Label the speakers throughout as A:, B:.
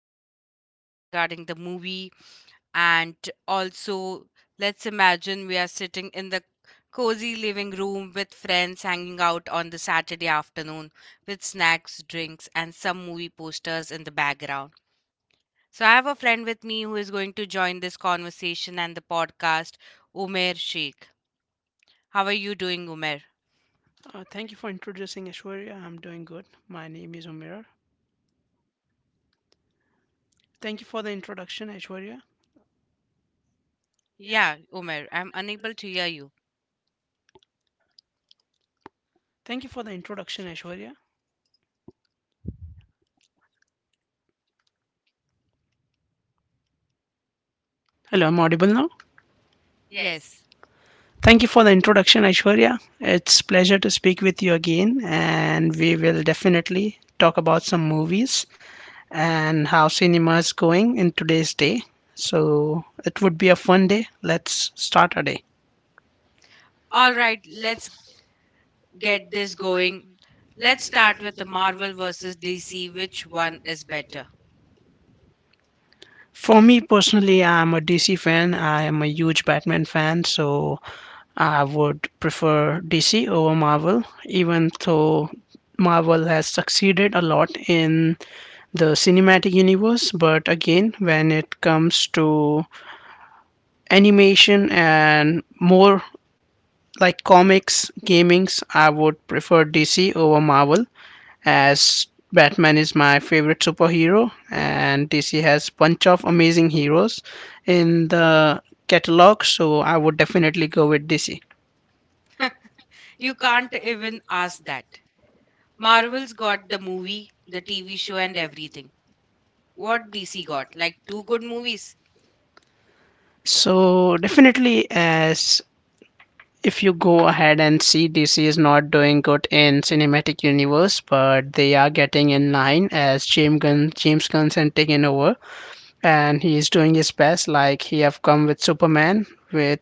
A: going to discuss regarding the movie and also let's imagine we are sitting in the cozy living room with friends hanging out on the Saturday afternoon with snacks, drinks and some movie posters in the background. So I have a friend with me who is going to join this conversation and the podcast, Umer Sheikh. How are you doing, Umer?
B: Thank you for introducing Aishwarya. I'm doing good. My name is Umair. Thank you for the introduction, Aishwarya.
A: Yeah, Umer, I'm unable to hear you.
B: Thank you for the introduction, Aishwarya. Hello, I'm audible now.
A: Yes.
B: Thank you for the introduction, Aishwarya. It's pleasure to speak with you again, and we will definitely talk about some movies and how cinema is going in today's day. So it would be a fun day. Let's start our day.
A: All right, let's get this going. Let's start with the Marvel versus DC. Which one is better?
B: For me personally, I'm a DC fan. I am a huge Batman fan, so I would prefer DC over Marvel, even though Marvel has succeeded a lot in the cinematic universe. But again, when it comes to animation and more like comics, gamings, I would prefer DC over Marvel as Batman is my favorite superhero and DC has bunch of amazing heroes in the catalog, so I would definitely go with DC.
A: You can't even ask that. Marvel's got the movie, the TV show, and everything. What DC got? Like two good movies?
B: So definitely, as if you go ahead and see, DC is not doing good in cinematic universe, but they are getting in line as James Gunn's and taking over, and he is doing his best. Like he have come with Superman, with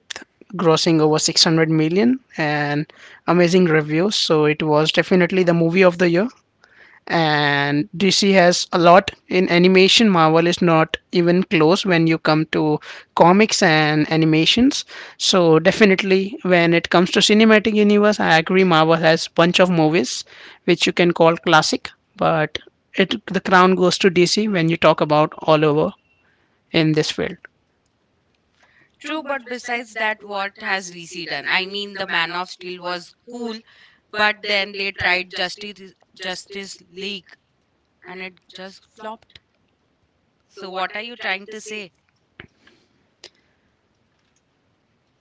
B: grossing over 600 million and amazing reviews. So it was definitely the movie of the year, and DC has a lot in animation. Marvel is not even close when you come to comics and animations. So definitely, when it comes to cinematic universe, I agree Marvel has bunch of movies which you can call classic, but it the crown goes to DC when you talk about all over in this field.
A: True, but besides that, what has DC done? I mean, the Man of Steel was cool, but then they tried Justice League and it just flopped. So, what are you trying to say?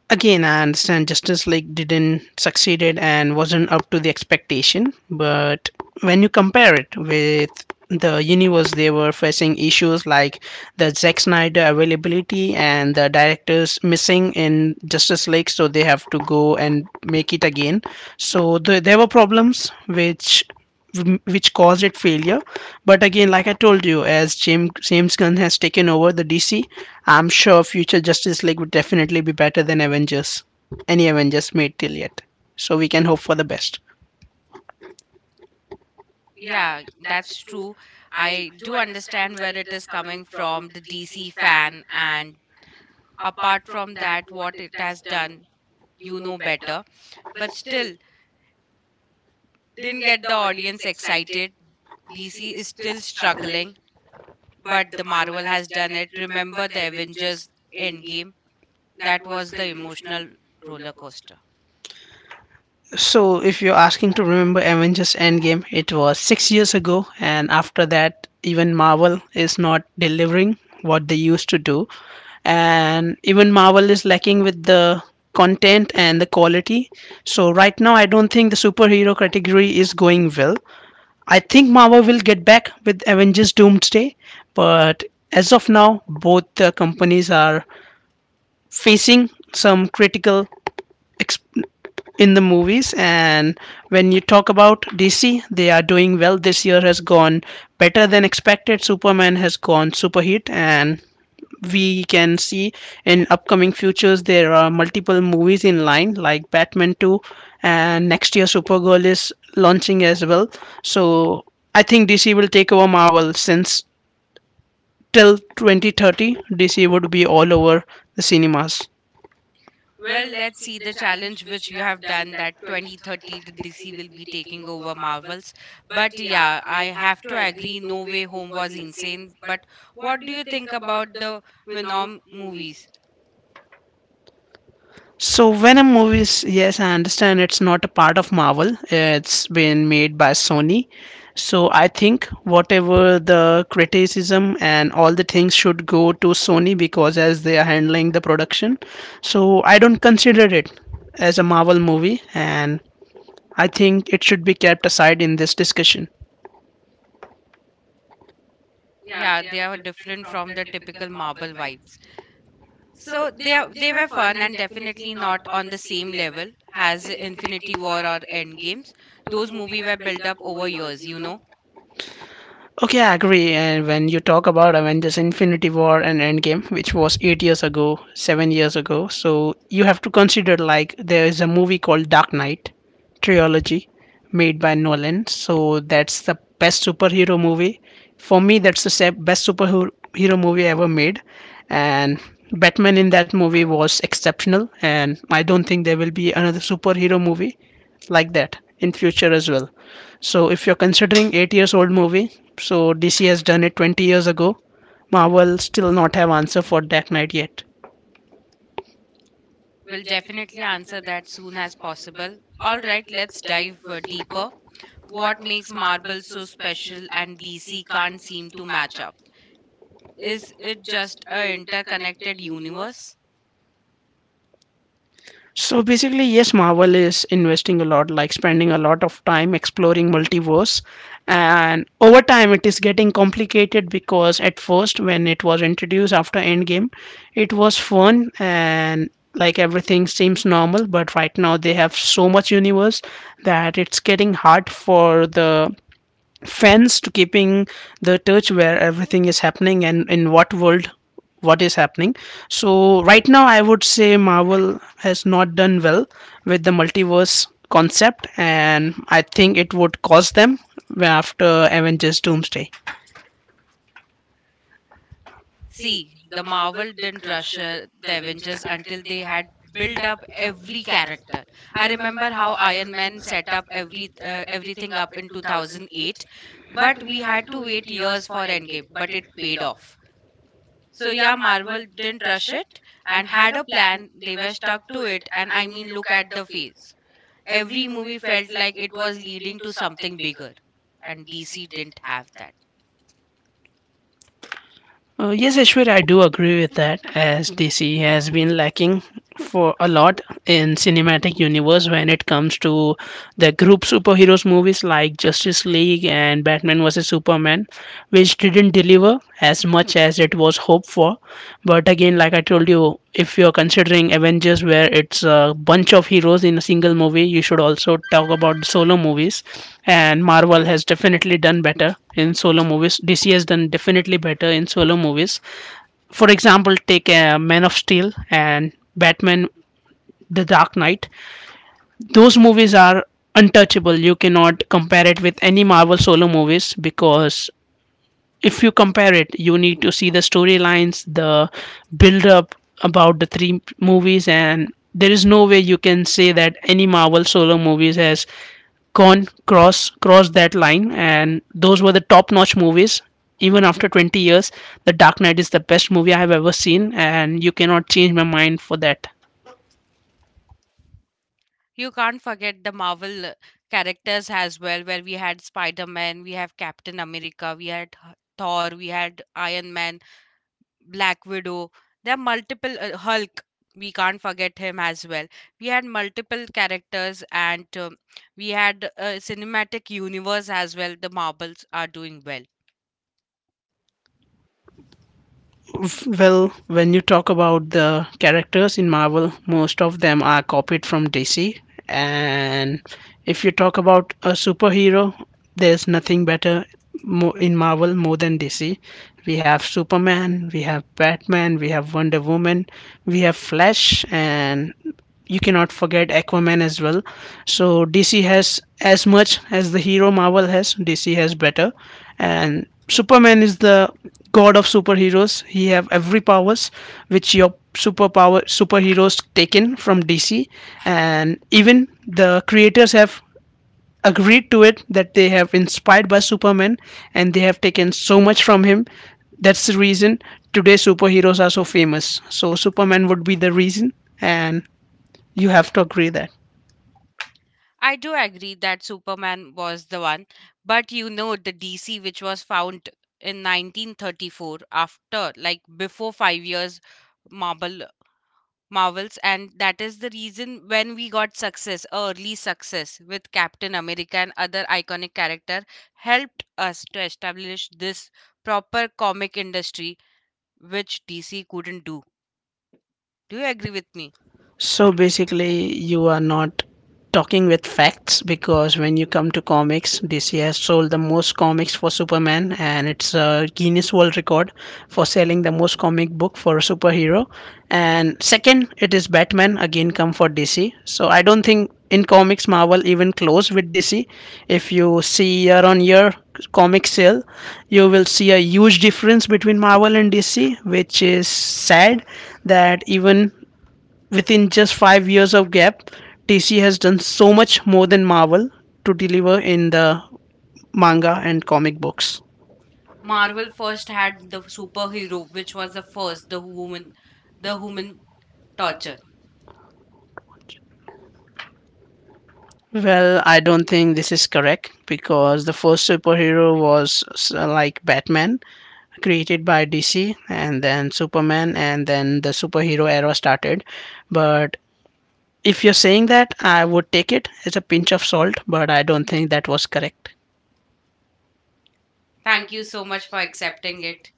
B: Again, I understand Justice League didn't succeeded and wasn't up to the expectation, but when you compare it with the universe, they were facing issues like the Zack Snyder availability and the directors missing in Justice League, so they have to go and make it again. There were problems which caused it failure. But again, like I told you, as James Gunn has taken over the DC, I'm sure future Justice League would definitely be better than Avengers, any Avengers made till yet. So we can hope for the best.
A: Yeah, that's true. I do understand where it is coming from, the DC fan, and apart from that, what it has done, you know better. But still, didn't get the audience excited. DC is still struggling, but the Marvel has done it. Remember the Avengers Endgame? That was the emotional roller coaster.
B: So, if you're asking to remember Avengers Endgame, it was 6 years ago, and after that, even Marvel is not delivering what they used to do. And even Marvel is lacking with the content and the quality. So, right now, I don't think the superhero category is going well. I think Marvel will get back with Avengers Doomsday, but as of now, both the companies are facing some critical ex- in the movies. And when you talk about DC, they are doing well. This year has gone better than expected. Superman has gone super hit, and we can see in upcoming futures there are multiple movies in line like Batman 2, and next year Supergirl is launching as well. So I think DC will take over Marvel. Since till 2030, DC would be all over the cinemas.
A: Well, let's see the challenge which you have done that 2030 the DC will be taking over Marvels. But yeah, I have to agree, No Way Home was insane. But what do you think about the Venom movies?
B: So Venom movies, yes, I understand it's not a part of Marvel. It's been made by Sony. So I think whatever the criticism and all the things should go to Sony because as they are handling the production. So I don't consider it as a Marvel movie, and I think it should be kept aside in this discussion.
A: Yeah, they are different from the typical Marvel vibes. So they were fun and definitely not on the same level as Infinity War or Endgames. Those movies were built up over years, you know.
B: Okay, I agree. And when you talk about Avengers Infinity War and Endgame, which was 8 years ago, 7 years ago, so you have to consider like there is a movie called Dark Knight Trilogy made by Nolan. So that's the best superhero movie. For me, that's the best superhero hero movie ever made. And Batman in that movie was exceptional. And I don't think there will be another superhero movie like that in future as well. So if you're considering 8 years old movie, so DC has done it 20 years ago. Marvel still not have answer for Dark Knight yet.
A: We'll definitely answer that soon as possible. All right, let's dive deeper. What makes marble so special and DC can't seem to match up? Is it just a interconnected universe?
B: So basically, yes, Marvel is investing a lot, like spending a lot of time exploring multiverse, and over time it is getting complicated because at first when it was introduced after Endgame, it was fun and like everything seems normal, but right now they have so much universe that it's getting hard for the fans to keeping the touch where everything is happening and in what world what is happening. So right now I would say Marvel has not done well with the multiverse concept, and I think it would cost them after Avengers Doomsday.
A: See, the Marvel didn't rush the Avengers until they had built up every character. I remember how Iron Man set up every everything up in 2008, but we had to wait years for Endgame, but it paid off. So yeah, Marvel didn't rush it and had a plan. They were stuck to it, and I mean, look at the face. Every movie felt like it was leading to something bigger, and DC didn't have that.
B: Yes, Ashwar, I do agree with that. As DC has been lacking for a lot in cinematic universe when it comes to the group superheroes movies like Justice League and Batman vs Superman, which didn't deliver as much as it was hoped for. But again, like I told you, if you're considering Avengers, where it's a bunch of heroes in a single movie, you should also talk about solo movies. And Marvel has definitely done better in solo movies. DC has done definitely better in solo movies. For example, take Man of Steel and Batman: The Dark Knight. Those movies are untouchable. You cannot compare it with any Marvel solo movies, because if you compare it you need to see the storylines, the build up about the three movies, and there is no way you can say that any Marvel solo movies has gone cross that line. And those were the top notch movies. Even after 20 years, The Dark Knight is the best movie I have ever seen, and you cannot change my mind for that.
A: You can't forget the Marvel characters as well, where we had Spider Man, we have Captain America, we had Thor, we had Iron Man, Black Widow. There are multiple Hulk. We can't forget him as well. We had multiple characters, and we had a cinematic universe as well. The Marvels are doing well.
B: Well, when you talk about the characters in Marvel, most of them are copied from DC. And if you talk about a superhero, there's nothing better mo in Marvel more than DC. We have Superman, we have Batman, we have Wonder Woman, we have Flash, and you cannot forget Aquaman as well. So DC has as much as the hero Marvel has, DC has better. And Superman is the god of superheroes. He have every powers which your superpower superheroes taken from DC, and even the creators have agreed to it that they have inspired by Superman and they have taken so much from him. That's the reason today superheroes are so famous. So Superman would be the reason, and you have to agree that.
A: I do agree that Superman was the one, but you know the DC which was found in 1934, after like before 5 years Marvel Marvels, and that is the reason when we got success, early success with Captain America and other iconic character helped us to establish this proper comic industry which DC couldn't do. Do you agree with me?
B: So basically, you are not talking with facts because when you come to comics, DC has sold the most comics for Superman, and it's a Guinness World Record for selling the most comic book for a superhero. And second, it is Batman again come for DC. So I don't think in comics Marvel even close with DC. If you see year on year comic sale, you will see a huge difference between Marvel and DC, which is sad that even within just 5 years of gap, DC has done so much more than Marvel to deliver in the manga and comic books.
A: Marvel first had the superhero which was the first the woman the human torture.
B: Well, I don't think this is correct because the first superhero was like Batman, created by DC, and then Superman, and then the superhero era started. But if you're saying that, I would take it as a pinch of salt, but I don't think that was correct.
A: Thank you so much for accepting it.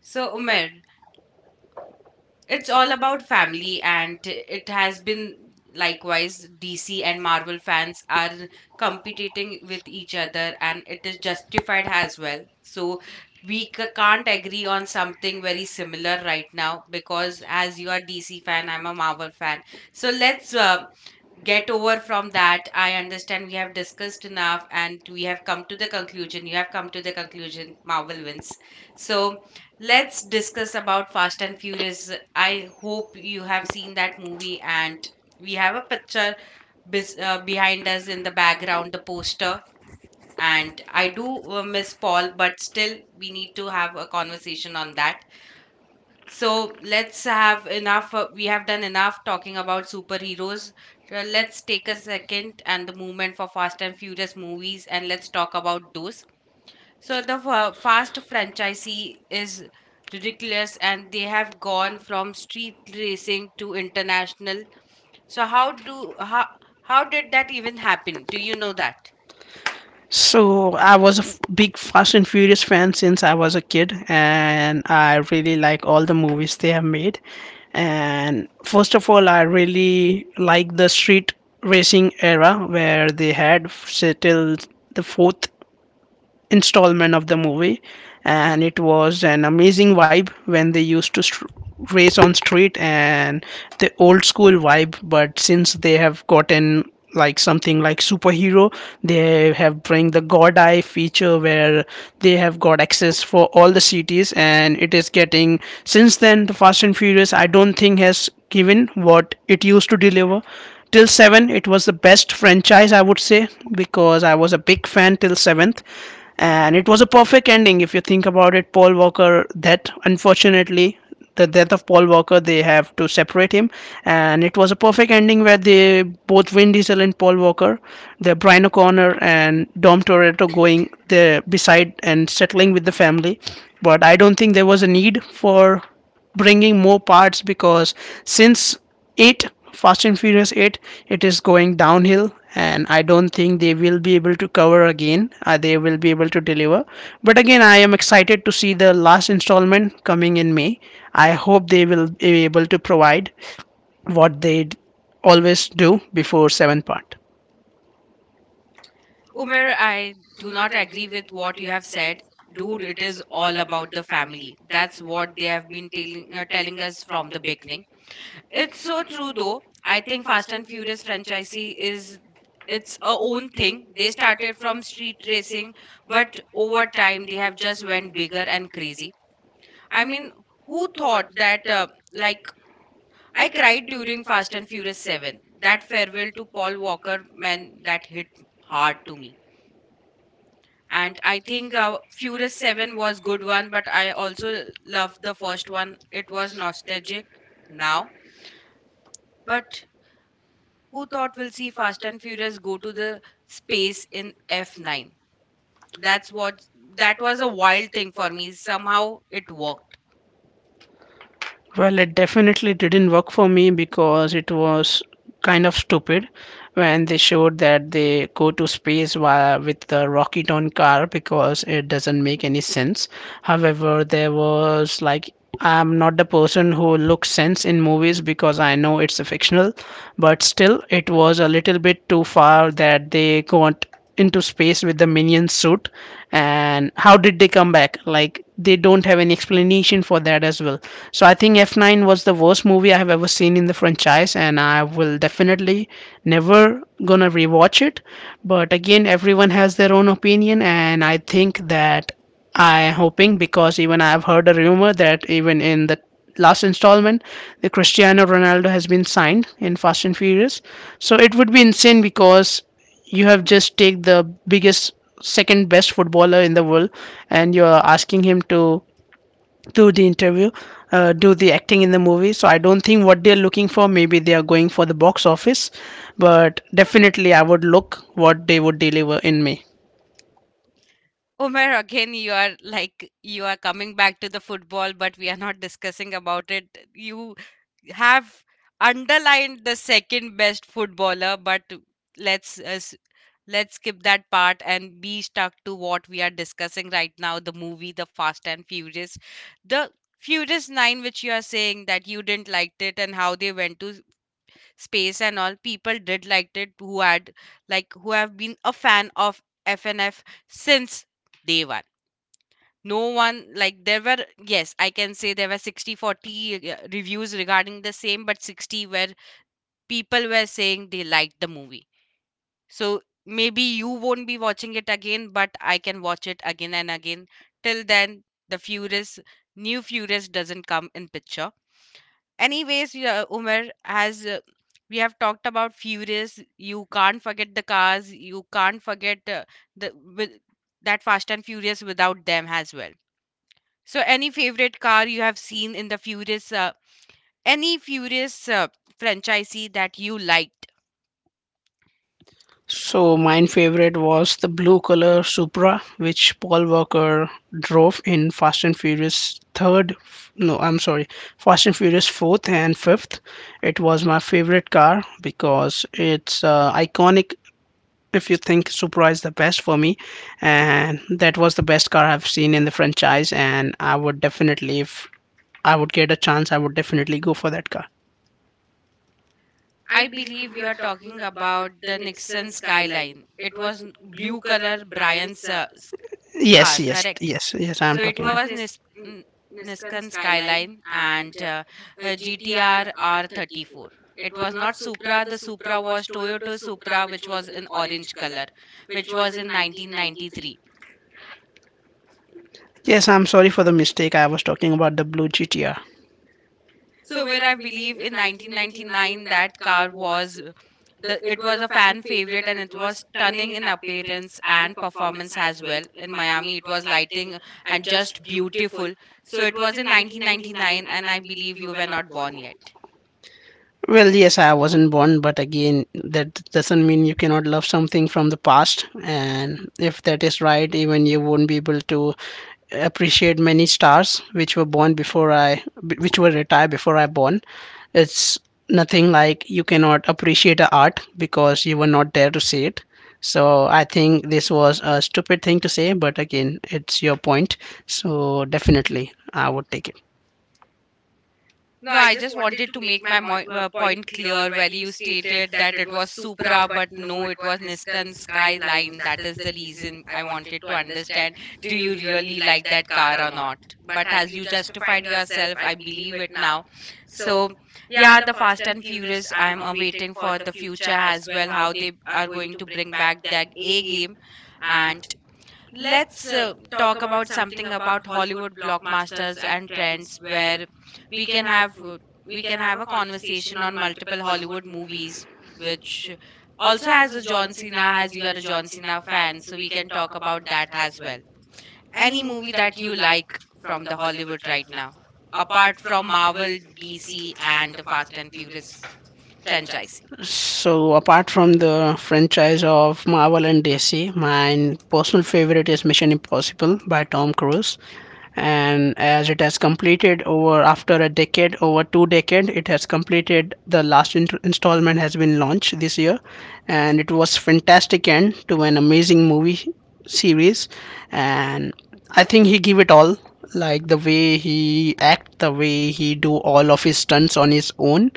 A: So, Umer, it's all about family, and it has been likewise. DC and Marvel fans are competing with each other, and it is justified as well. So, we can't agree on something very similar right now because, as you are DC fan, I'm a Marvel fan. So, let's get over from that. I understand we have discussed enough and we have come to the conclusion, you have come to the conclusion, Marvel wins. So let's discuss about Fast and Furious. I hope you have seen that movie and we have a picture behind us in the background, the poster, and I do miss Paul, but still we need to have a conversation on that. So let's have enough. We have done enough talking about superheroes. Let's take a second and the movement for Fast and Furious movies, and let's talk about those. So Fast franchisee is ridiculous and they have gone from street racing to international. So how how did that even happen? Do you know that?
B: So I was a big Fast and Furious fan since I was a kid, and I really like all the movies they have made. And first of all, I really like the street racing era where they had say, till the fourth installment of the movie, and it was an amazing vibe when they used to str race on street and the old school vibe. But since they have gotten like something like superhero, they have bring the god eye feature where they have got access for all the cities, and it is getting since then the Fast and Furious, I don't think has given what it used to deliver. Till 7, it was the best franchise I would say, because I was a big fan till 7th, and it was a perfect ending if you think about it. Paul Walker, that unfortunately the death of Paul Walker, they have to separate him. And it was a perfect ending where they both Vin Diesel and Paul Walker, the Brian O'Connor and Dom Toretto, going there beside and settling with the family. But I don't think there was a need for bringing more parts because since 8, Fast and Furious 8, it is going downhill, and I don't think they will be able to cover again. They will be able to deliver. But again, I am excited to see the last installment coming in May. I hope they will be able to provide what they always do before seventh part.
A: Umer, I do not agree with what you have said. Dude, it is all about the family. That's what they have been telling us from the beginning. It's so true though. I think Fast and Furious franchisee is its a own thing. They started from street racing, but over time they have just went bigger and crazy. I mean, who thought that like I cried during Fast and Furious 7. That farewell to Paul Walker, man, that hit hard to me. And I think Furious 7 was good one, but I also loved the first one, it was nostalgic now. But who thought we'll see Fast and Furious go to the space in F9? that's what that was a wild thing for me. Somehow it worked.
B: Well, it definitely didn't work for me because it was kind of stupid when they showed that they go to space via with the rocket on car because it doesn't make any sense. However, there was like, I'm not the person who looks sense in movies because I know it's a fictional, but still it was a little bit too far that they can into space with the minion suit. And how did they come back? Like, they don't have any explanation for that as well. So I think F9 was the worst movie I have ever seen in the franchise, and I will definitely never gonna rewatch it. But again, everyone has their own opinion, and I think that I hoping because even I've heard a rumor that even in the last installment the Cristiano Ronaldo has been signed in Fast and Furious. So it would be insane because you have just take the biggest second best footballer in the world, and you are asking him to do the interview, do the acting in the movie. So I don't think what they're looking for. Maybe they are going for the box office, but definitely I would look what they would deliver in me.
A: Omer, again, you are like you are coming back to the football, but we are not discussing about it. You have underlined the second best footballer, but let's uh, s- let's skip that part and be stuck to what we are discussing right now, the movie, the Fast and Furious, the Furious 9, which you are saying that you didn't liked it and how they went to space. And all people did liked it, who had like who have been a fan of FNF since day one. No one, like there were, yes, I can say there were 60-40 reviews regarding the same, but 60 where people were saying they liked the movie. So maybe you won't be watching it again, but I can watch it again and again till then, the Furious, new Furious doesn't come in picture. Anyways, yeah, Umar, has we have talked about Furious. You can't forget the cars, you can't forget the with, that Fast and Furious without them as well. So, any favorite car you have seen in the Furious, any Furious franchisee that you liked?
B: So mine favorite was the blue color Supra, which Paul Walker drove in Fast and Furious third. No, I'm sorry, Fast and Furious fourth and fifth. It was my favorite car because it's iconic. If you think Supra is the best for me, and that was the best car I've seen in the franchise, and I would definitely, if I would get a chance, I would definitely go for that car.
A: I believe you are talking about the Nixon Skyline. It was blue color Brian's
B: Yes,
A: car,
B: right, yes, correct,
A: correct?
B: yes, yes, I
A: So, it
B: so
A: was
B: am.
A: Nissan Skyline and GTR R34. It was not Supra. The Supra was Toyota Supra, which was in orange color, which was in 1993.
B: Yes, I'm sorry for the mistake. I was talking about the blue GTR.
A: So where I believe in 1999 that car was the it was a fan favorite and it was stunning in appearance and performance as well. In Miami it was lighting and just beautiful. So it was in 1999 and I believe you were not born yet.
B: Well, yes, I wasn't born, but again, that doesn't mean you cannot love something from the past. And if that is right, even you won't be able to appreciate many stars which were born before I, which were retired before I born. It's nothing like you cannot appreciate a art because you were not there to see it. So I think this was a stupid thing to say, but again, it's your point. So definitely, I would take it.
A: No, I just wanted to make my point clear where you stated that it was Supra, but no, it was Nissan Skyline. That is the reason I wanted to understand, do you really like that car or not? But as you justified yourself, I believe it now. So, yeah, the Fast and Furious, I'm awaiting for the future as well, how they are going to bring back that A game. And let's talk about something about Hollywood blockbusters and trends where we can have uh, we can have a conversation on multiple Hollywood movies which also has a John Cena, as you are a John Cena fan, so we can talk about that as well. Any movie that you like from the Hollywood right now apart from Marvel, DC and the Fast and Furious franchise?
B: So apart from the franchise of Marvel and DC, my personal favorite is Mission Impossible by Tom Cruise. And as it has completed over after a decade, over two decade, it has completed the last installment has been launched this year, and it was fantastic end to an amazing movie series. And I think he gave it all, like the way he act, the way he do all of his stunts on his own.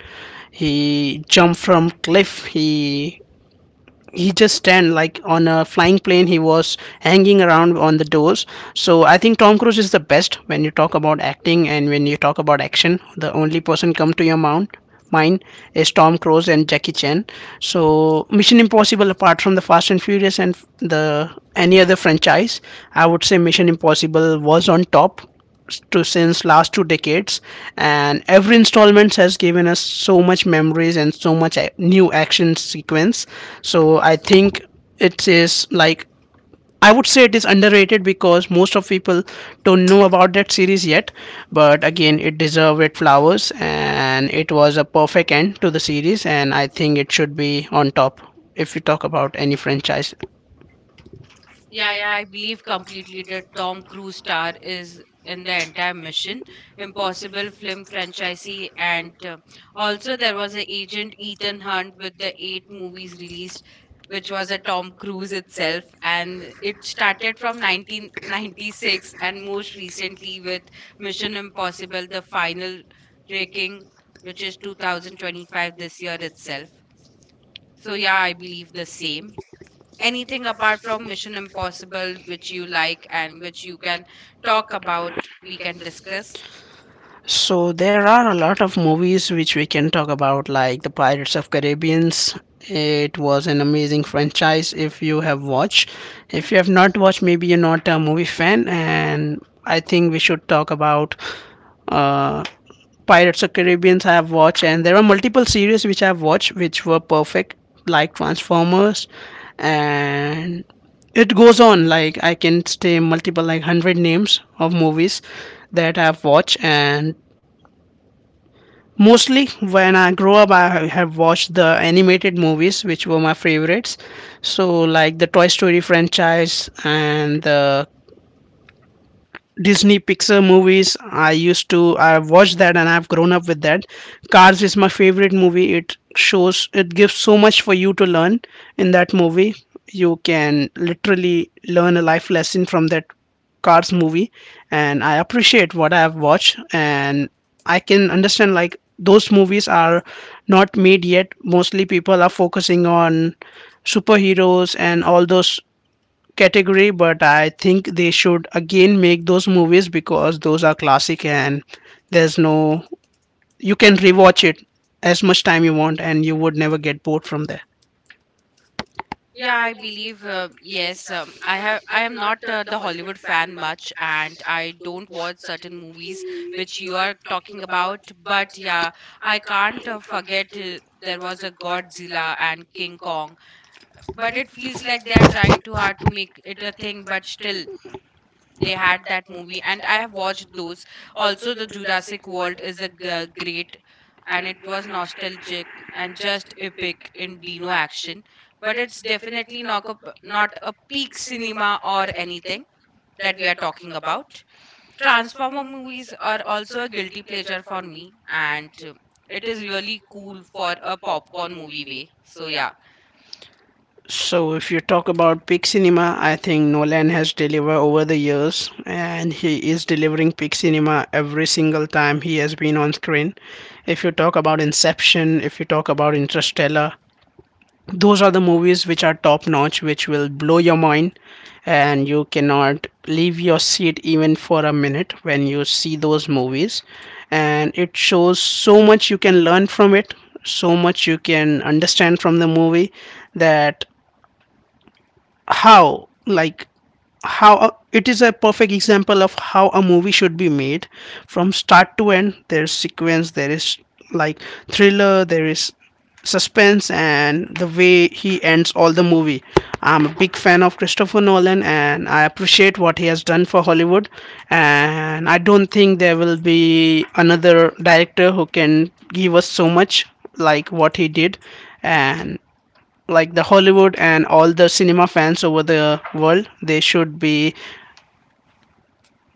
B: He jumped from cliff, he just stand like on a flying plane, he was hanging around on the doors. So I think Tom Cruise is the best when you talk about acting, and when you talk about action the only person come to your mount mind is Tom Cruise and Jackie Chan. So Mission Impossible, apart from the Fast and Furious and the any other franchise, I would say Mission Impossible was on top to since last two decades. And every installment has given us so much memories and so much new action sequence. So I think it is like I would say it is underrated because most of people don't know about that series yet. But again, it deserved it flowers and it was a perfect end to the series, and I think it should be on top if you talk about any franchise.
A: Yeah, I believe completely that Tom Cruise star is in the entire Mission Impossible film franchisee, and also there was a agent Ethan Hunt with the 8 movies released, which was a Tom Cruise itself, and it started from 1996 and most recently with Mission Impossible: The Final Ranking, which is 2025 this year itself. So yeah, I believe the same. Anything apart from Mission Impossible which you like and which you can talk about, we can discuss.
B: So there are a lot of movies which we can talk about, like the Pirates of Caribbeans. It was an amazing franchise if you have watched. If you have not watched, maybe you're not a movie fan, and I think we should talk about uh, Pirates of Caribbeans. I have watched, and there are multiple series which I have watched which were perfect, like Transformers. And it goes on, like I can say multiple like 100 names of movies that I've watched. And mostly when I grow up I have watched the animated movies which were my favorites. So like the Toy Story franchise and the Disney Pixar movies. I used to I watched that and I've grown up with that. Cars is my favorite movie. It shows it gives so much for you to learn in that movie. You can literally learn a life lesson from that Cars movie. And I appreciate what I have watched, and I can understand like those movies are not made yet. Mostly people are focusing on superheroes and all those category, but I think they should again make those movies because those are classic, and there's no you can rewatch it as much time you want and you would never get bored from there.
A: Yeah, I believe yes. I have. I am not the Hollywood fan much, and I don't watch certain movies which you are talking about. But yeah, I can't forget, there was a Godzilla and King Kong. But it feels like they are trying too hard to make it a thing. But still, they had that movie and I have watched those. Also, the Jurassic World is a great and it was nostalgic and just epic in dino action, but it's definitely not a peak cinema or anything that we are talking about. Transformer movies are also a guilty pleasure for me, and it is really cool for a popcorn movie way, so yeah.
B: So if you talk about peak cinema, I think Nolan has delivered over the years, and he is delivering peak cinema every single time he has been on screen. If you talk about Inception, if you talk about Interstellar, those are the movies which are top notch which will blow your mind, and you cannot leave your seat even for a minute when you see those movies. And it shows so much you can learn from it, so much you can understand from the movie. That how like how it is a perfect example of how a movie should be made from start to end. There's sequence, there is like thriller, there is suspense, and the way he ends all the movie. I'm a big fan of Christopher Nolan, and I appreciate what he has done for Hollywood. And I don't think there will be another director who can give us so much like what he did. And like the Hollywood and all the cinema fans over the world, they should be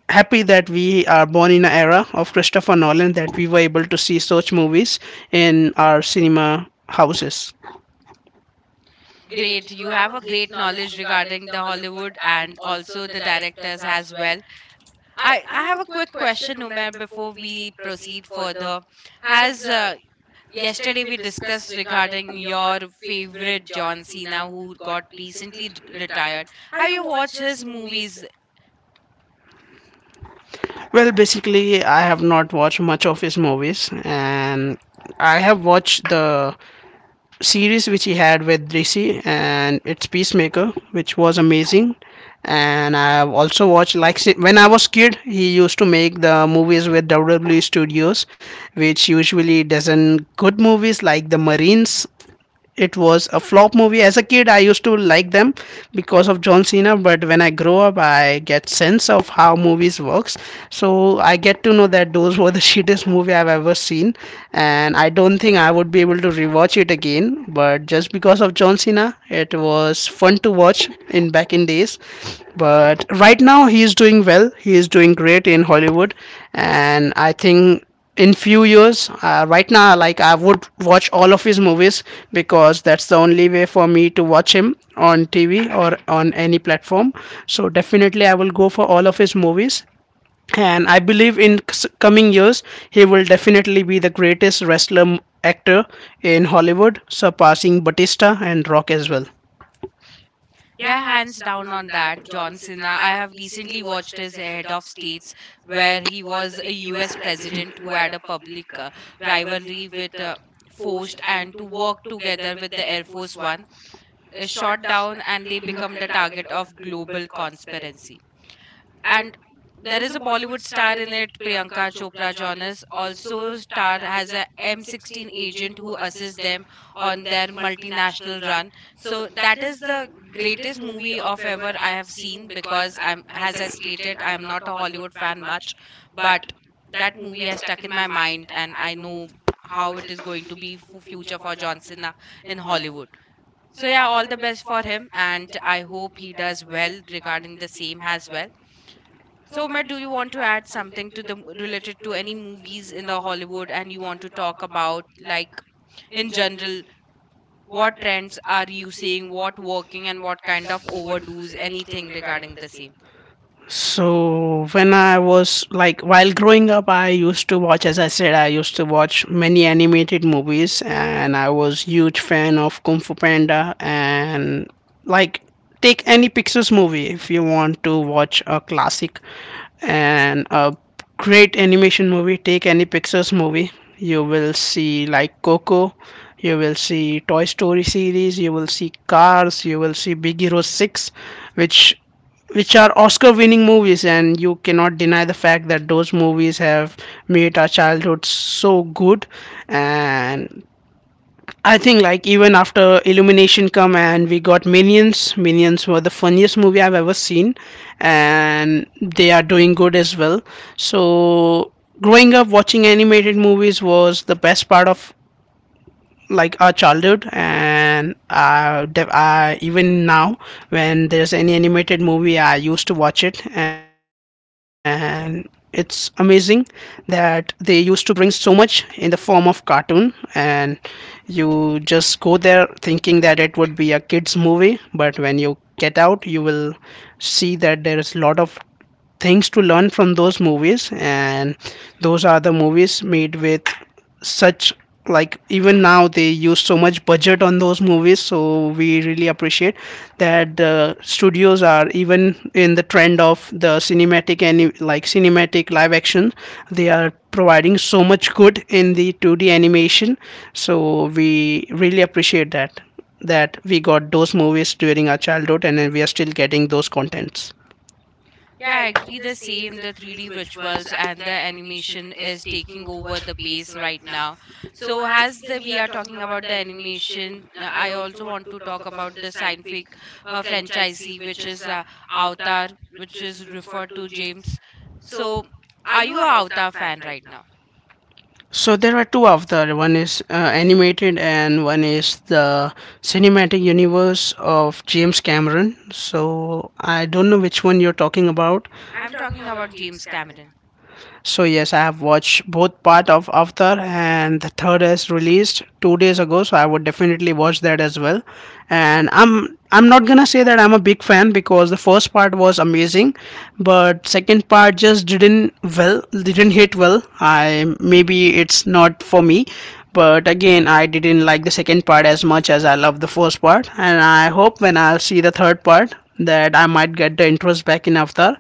B: happy that we are born in an era of Christopher Nolan, that we were able to see such movies in our cinema houses.
A: Great, you have a great knowledge regarding the Hollywood and also the directors as well. I have a quick question, Umer, before we proceed further. As yesterday we discussed regarding your favorite John Cena, who got recently retired. Have you watched his movies?
B: Well, basically, I have not watched much of his movies, and I have watched the series which he had with Rishi, and it's Peacemaker, which was amazing. And I have also watched like when I was kid, he used to make the movies with WWE Studios, which usually doesn't good movies like the Marines. It was a flop movie. As a kid I used to like them because of John Cena. But when I grow up I get sense of how movies works. So I get to know that those were the shittest movie I've ever seen, and I don't think I would be able to rewatch it again. But just because of John Cena it was fun to watch in back in days. But right now he is doing well, he is doing great in Hollywood. And I think in few years right now like I would watch all of his movies because that's the only way for me to watch him on TV or on any platform. So definitely I will go for all of his movies. And I believe in coming years he will definitely be the greatest wrestler actor in Hollywood surpassing Batista and Rock as well.
A: Yeah, hands down on that, John Cena. I have recently watched his Head of States, where he was a US president who had a public rivalry with Forced and to work together with the Air Force One is shot down and they become the target of global conspiracy. And there is a Bollywood star in it, Priyanka Chopra Jonas. Also, star has a M16 agent who assists them on their multinational run. So that is the greatest movie of ever I have seen because as I stated, I am not a Hollywood fan much, but that movie has stuck in my mind, and I know how it is going to be for future for John Cena in Hollywood. So yeah, all the best for him, and I hope he does well regarding the same as well. So, Matt, do you want to add something to the related to any movies in the Hollywood and you want to talk about like in general what trends are you seeing, what working and what kind of overdoes, anything regarding the same?
B: So when I was like while growing up, I used to watch, as I said, I used to watch many animated movies, and I was huge fan of Kung Fu Panda and like take any Pixar's movie if you want to watch a classic and a great animation movie. Take any Pixar's movie, you will see like Coco. You will see Toy Story series, you will see Cars, you will see Big Hero 6, which which are Oscar winning movies, and you cannot deny the fact that those movies have made our childhood so good. And I think, like, even after Illumination come and we got Minions, Minions were the funniest movie I've ever seen, and they are doing good as well. So, growing up watching animated movies was the best part of like our childhood and even now when there's any animated movie I used to watch it, and it's amazing that they used to bring so much in the form of cartoon. And you just go there thinking that it would be a kids movie, but when you get out you will see that there is a lot of things to learn from those movies. And those are the movies made with such like even now they use so much budget on those movies, so we really appreciate that the studios are even in the trend of the cinematic and like cinematic live action they are providing so much good in the 2D animation. So we really appreciate that, that we got those movies during our childhood and then we are still getting those contents.
A: Yeah, I agree the same. The 3D rituals and the animation is taking over the pace right now. So as we are talking about the animation, I also want to talk about the scientific franchisee, which is Avatar, which is referred to James. So are you a Avatar fan right now?
B: So there are two of the one is animated and one is the cinematic universe of James Cameron. So I don't know which one you're talking about.
A: I'm talking about James Cameron.
B: So yes, I have watched both part of Avatar and the third is released 2 days ago. So I would definitely watch that as well. And I'm not gonna say that I'm a big fan because the first part was amazing, but second part just didn't didn't hit well. I maybe it's not for me. But again, I didn't like the second part as much as I love the first part, and I hope when I'll see the third part that I might get the interest back in Avatar,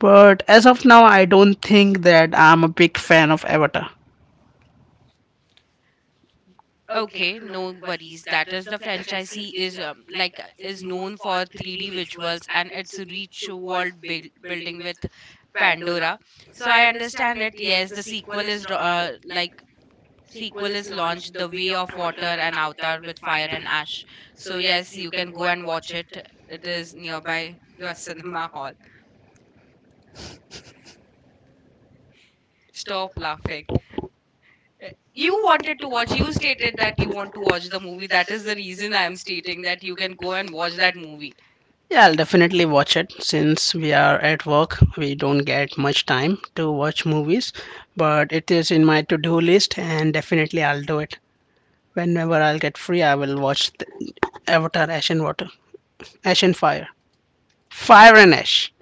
B: but as of now, I don't think that I'm a big fan of Avatar.
A: Okay, no worries. That is the franchisee is like is known for 3D visuals and its rich world build building with Pandora. So I understand it. Yes, the like sequel is launched, The Way of Water and Avatar with Fire and Ash. So yes, you can go and watch it. It is nearby your cinema hall. Stop laughing. You wanted to watch, you stated that you want to watch the movie. That is the reason I am stating that you can go and watch that movie.
B: Yeah, I'll definitely watch it since we are at work. We don't get much time to watch movies, but it is in my to do list and definitely I'll do it. Whenever I'll get free, I will watch the Avatar Ash and Water, Ash and Fire, Fire and Ash.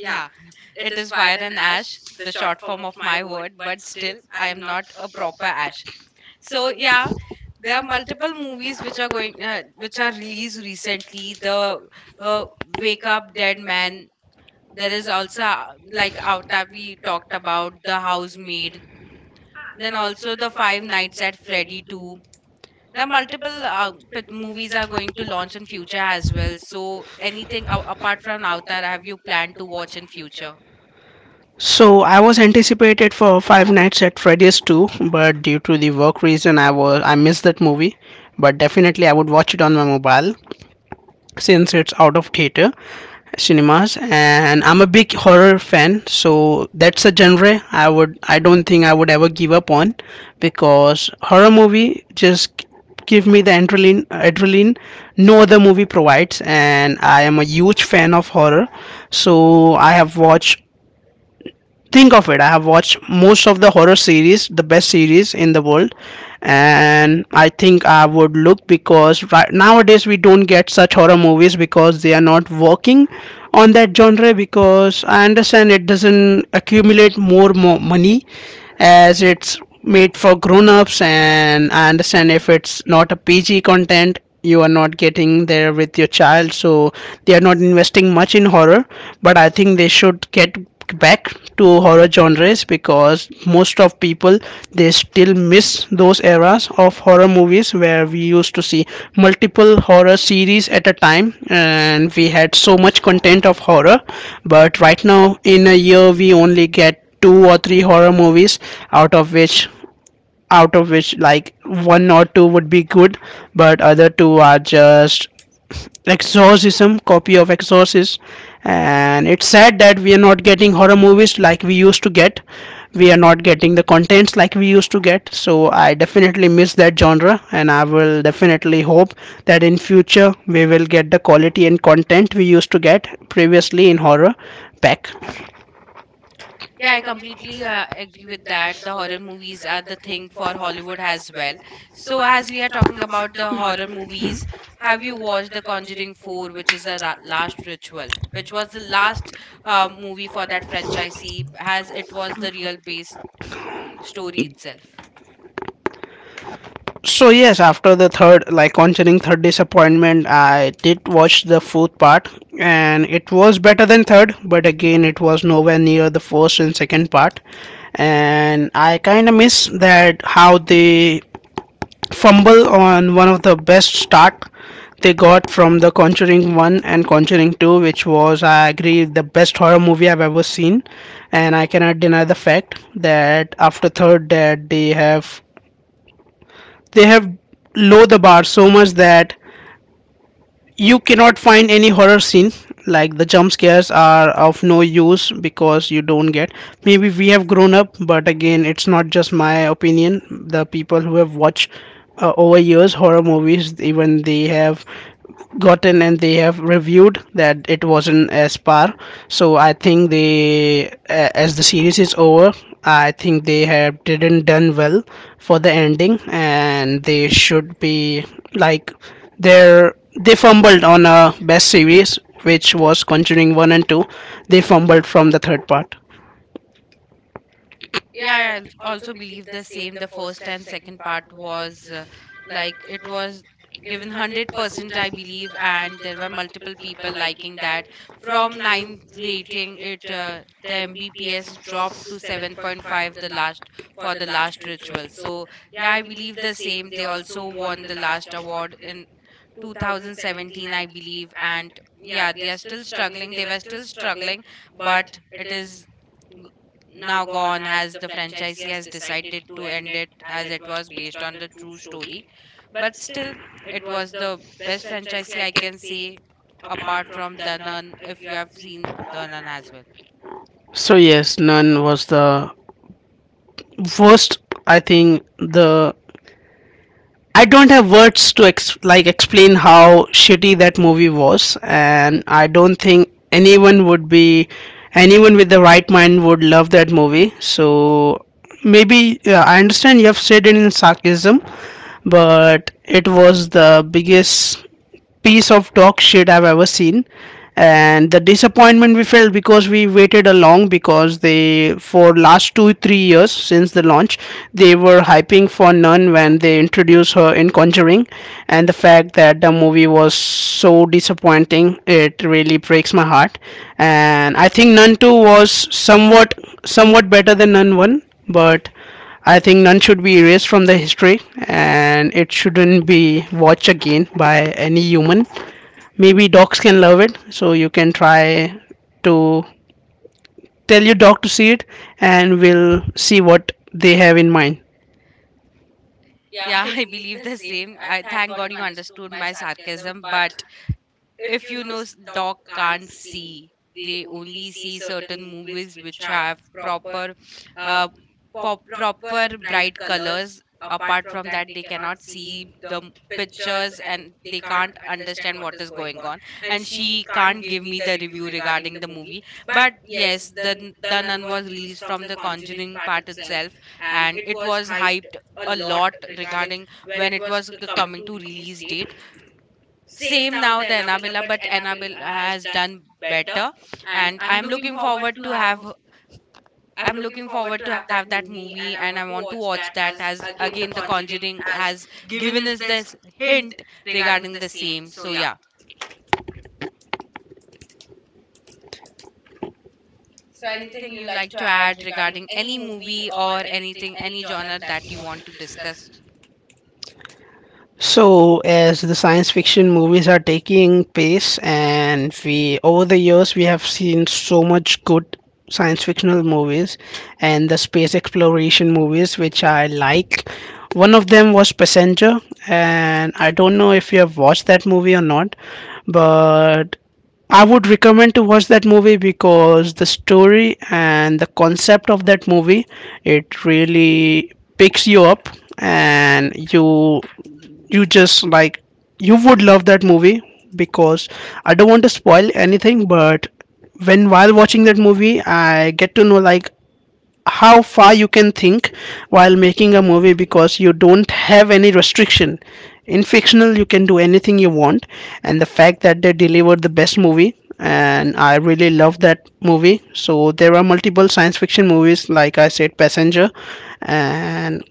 A: Yeah, it is fire and ash, the short form of my word, but still, I am not a proper ash. So yeah, there are multiple movies which are which are released recently. The Wake Up Dead Man. There is also like Avatar we talked about, The Housemaid. Then also the Five Nights at Freddy 2. There are multiple movies are going to launch in future as well. So anything apart from Avatar, have you planned to watch in future?
B: So I was anticipated for Five Nights at Freddy's 2, but due to the work reason, I missed that movie. But definitely, I would watch it on my mobile since it's out of theater cinemas, and I'm a big horror fan, so that's a genre I don't think I would ever give up on because horror movie just give me the adrenaline. No other movie provides, and I am a huge fan of horror. So I have watched, think of it, I have watched most of the horror series, the best series in the world. And I think I would look because right nowadays we don't get such horror movies because they are not working on that genre because I understand it doesn't accumulate more money as it's made for grown-ups, and I understand if it's not a pg content you are not getting there with your child. So they are not investing much in horror, but I think they should get back to horror genres because most of people, they still miss those eras of horror movies where we used to see multiple horror series at a time and we had so much content of horror. But right now in a year we only get two or three horror movies, out of which out of which like one or two would be good, but other two are just exorcism, copy of exorcist. And it's sad that we are not getting horror movies like we used to get. We are not getting the contents like we used to get. So I definitely miss that genre, and I will definitely hope that in future we will get the quality and content we used to get previously in horror back.
A: Yeah, I completely agree with that. The horror movies are the thing for Hollywood as well. So as we are talking about the horror movies, have you watched The Conjuring 4, which is the last ritual, which was the last movie for that franchisee, as it was the real base story itself.
B: So yes, after the third, like concerning third disappointment, I did watch the fourth part, and it was better than third, but again, it was nowhere near the first and second part, and I kind of miss that how they fumble on one of the best start they got from the Conjuring one and Conjuring two, which was I agree the best horror movie I've ever seen, and I cannot deny the fact that after third that they have low the bar so much that you cannot find any horror scene, like the jump scares are of no use because you don't get. Maybe we have grown up, but again it's not just my opinion. The people who have watched over years horror movies, even they have gotten and they have reviewed that it wasn't as par. So I think as the series is over, I think they have didn't done well for the ending, and they should be like they're they fumbled on a best series which was continuing 1 and 2. They fumbled from the third part.
A: Yeah, I also believe the same. The first and second part was like it was given 100%, I believe, and there were multiple people liking that. From ninth rating, it the MBPS dropped to 7.5 the last for the last ritual. So, yeah, I believe the same. They also won the last award in 2017, I believe, and yeah, they are still struggling. They were still struggling, but it is g- now gone as the franchisee has decided to end it as it was based on the true story, but still, it was the best franchisee I can say apart from the nun. If you have seen the nun as well.
B: So yes, none was the worst, I think. The I don't have words to like explain how shitty that movie was, and I don't think anyone would be anyone with the right mind would love that movie. So maybe yeah, I understand you have said it in sarcasm, but it was the biggest piece of dog shit I've ever seen. And the disappointment we felt because we waited a long because they for last two three years since the launch they were hyping for Nun when they introduced her in Conjuring, and the fact that the movie was so disappointing it really breaks my heart. And I think Nun two was somewhat better than Nun one, but I think none should be erased from the history, and it shouldn't be watched again by any human. Maybe dogs can love it, so you can try to tell your dog to see it, and we'll see what they have in mind.
A: Yeah, I believe the same. I thank God you understood my sarcasm, but if you know dog can't see, they only see certain movies which have proper uh, proper bright colors. Apart from that they cannot see the pictures and they can't understand what is going on, and she can't give me the review regarding the movie. But yes, the the nun was released from the conjuring part itself, and it was hyped a lot regarding when it was coming to release date. Same now the Annabella, but Annabella has done better, and I'm looking forward to have that movie, and I want to watch that as again The Conjuring has given us this hint regarding the same. So yeah. So anything you like to add regarding any movie or anything, any genre that you want to discuss.
B: So, as the science fiction movies are taking pace, and we over the years we have seen so much good science fictional movies and the space exploration movies, which I like. One of them was Passenger, and I don't know if you have watched that movie or not, but I would recommend to watch that movie because the story and the concept of that movie, it really picks you up and you just like you would love that movie because I don't want to spoil anything, but when while watching that movie, I get to know like how far you can think while making a movie because you don't have any restriction. In fictional, you can do anything you want, and the fact that they delivered the best movie and I really love that movie. So there are multiple science fiction movies, like I said, Passenger, and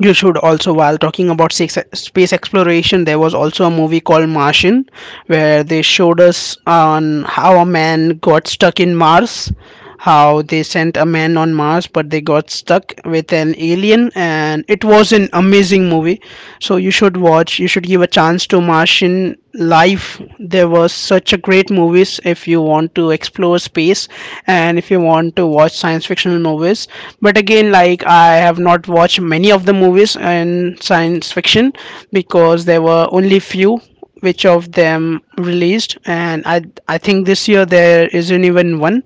B: you should also while talking about space exploration, there was also a movie called martian where they showed us on how a man got stuck in mars, how they sent a man on mars but they got stuck with an alien, and it was an amazing movie. So you should give a chance to martian life. There was such a great movies if you want to explore space and if you want to watch science fictional movies. But again, like I have not watched many of the movies in science fiction because there were only few which of them released, and I think this year there isn't even one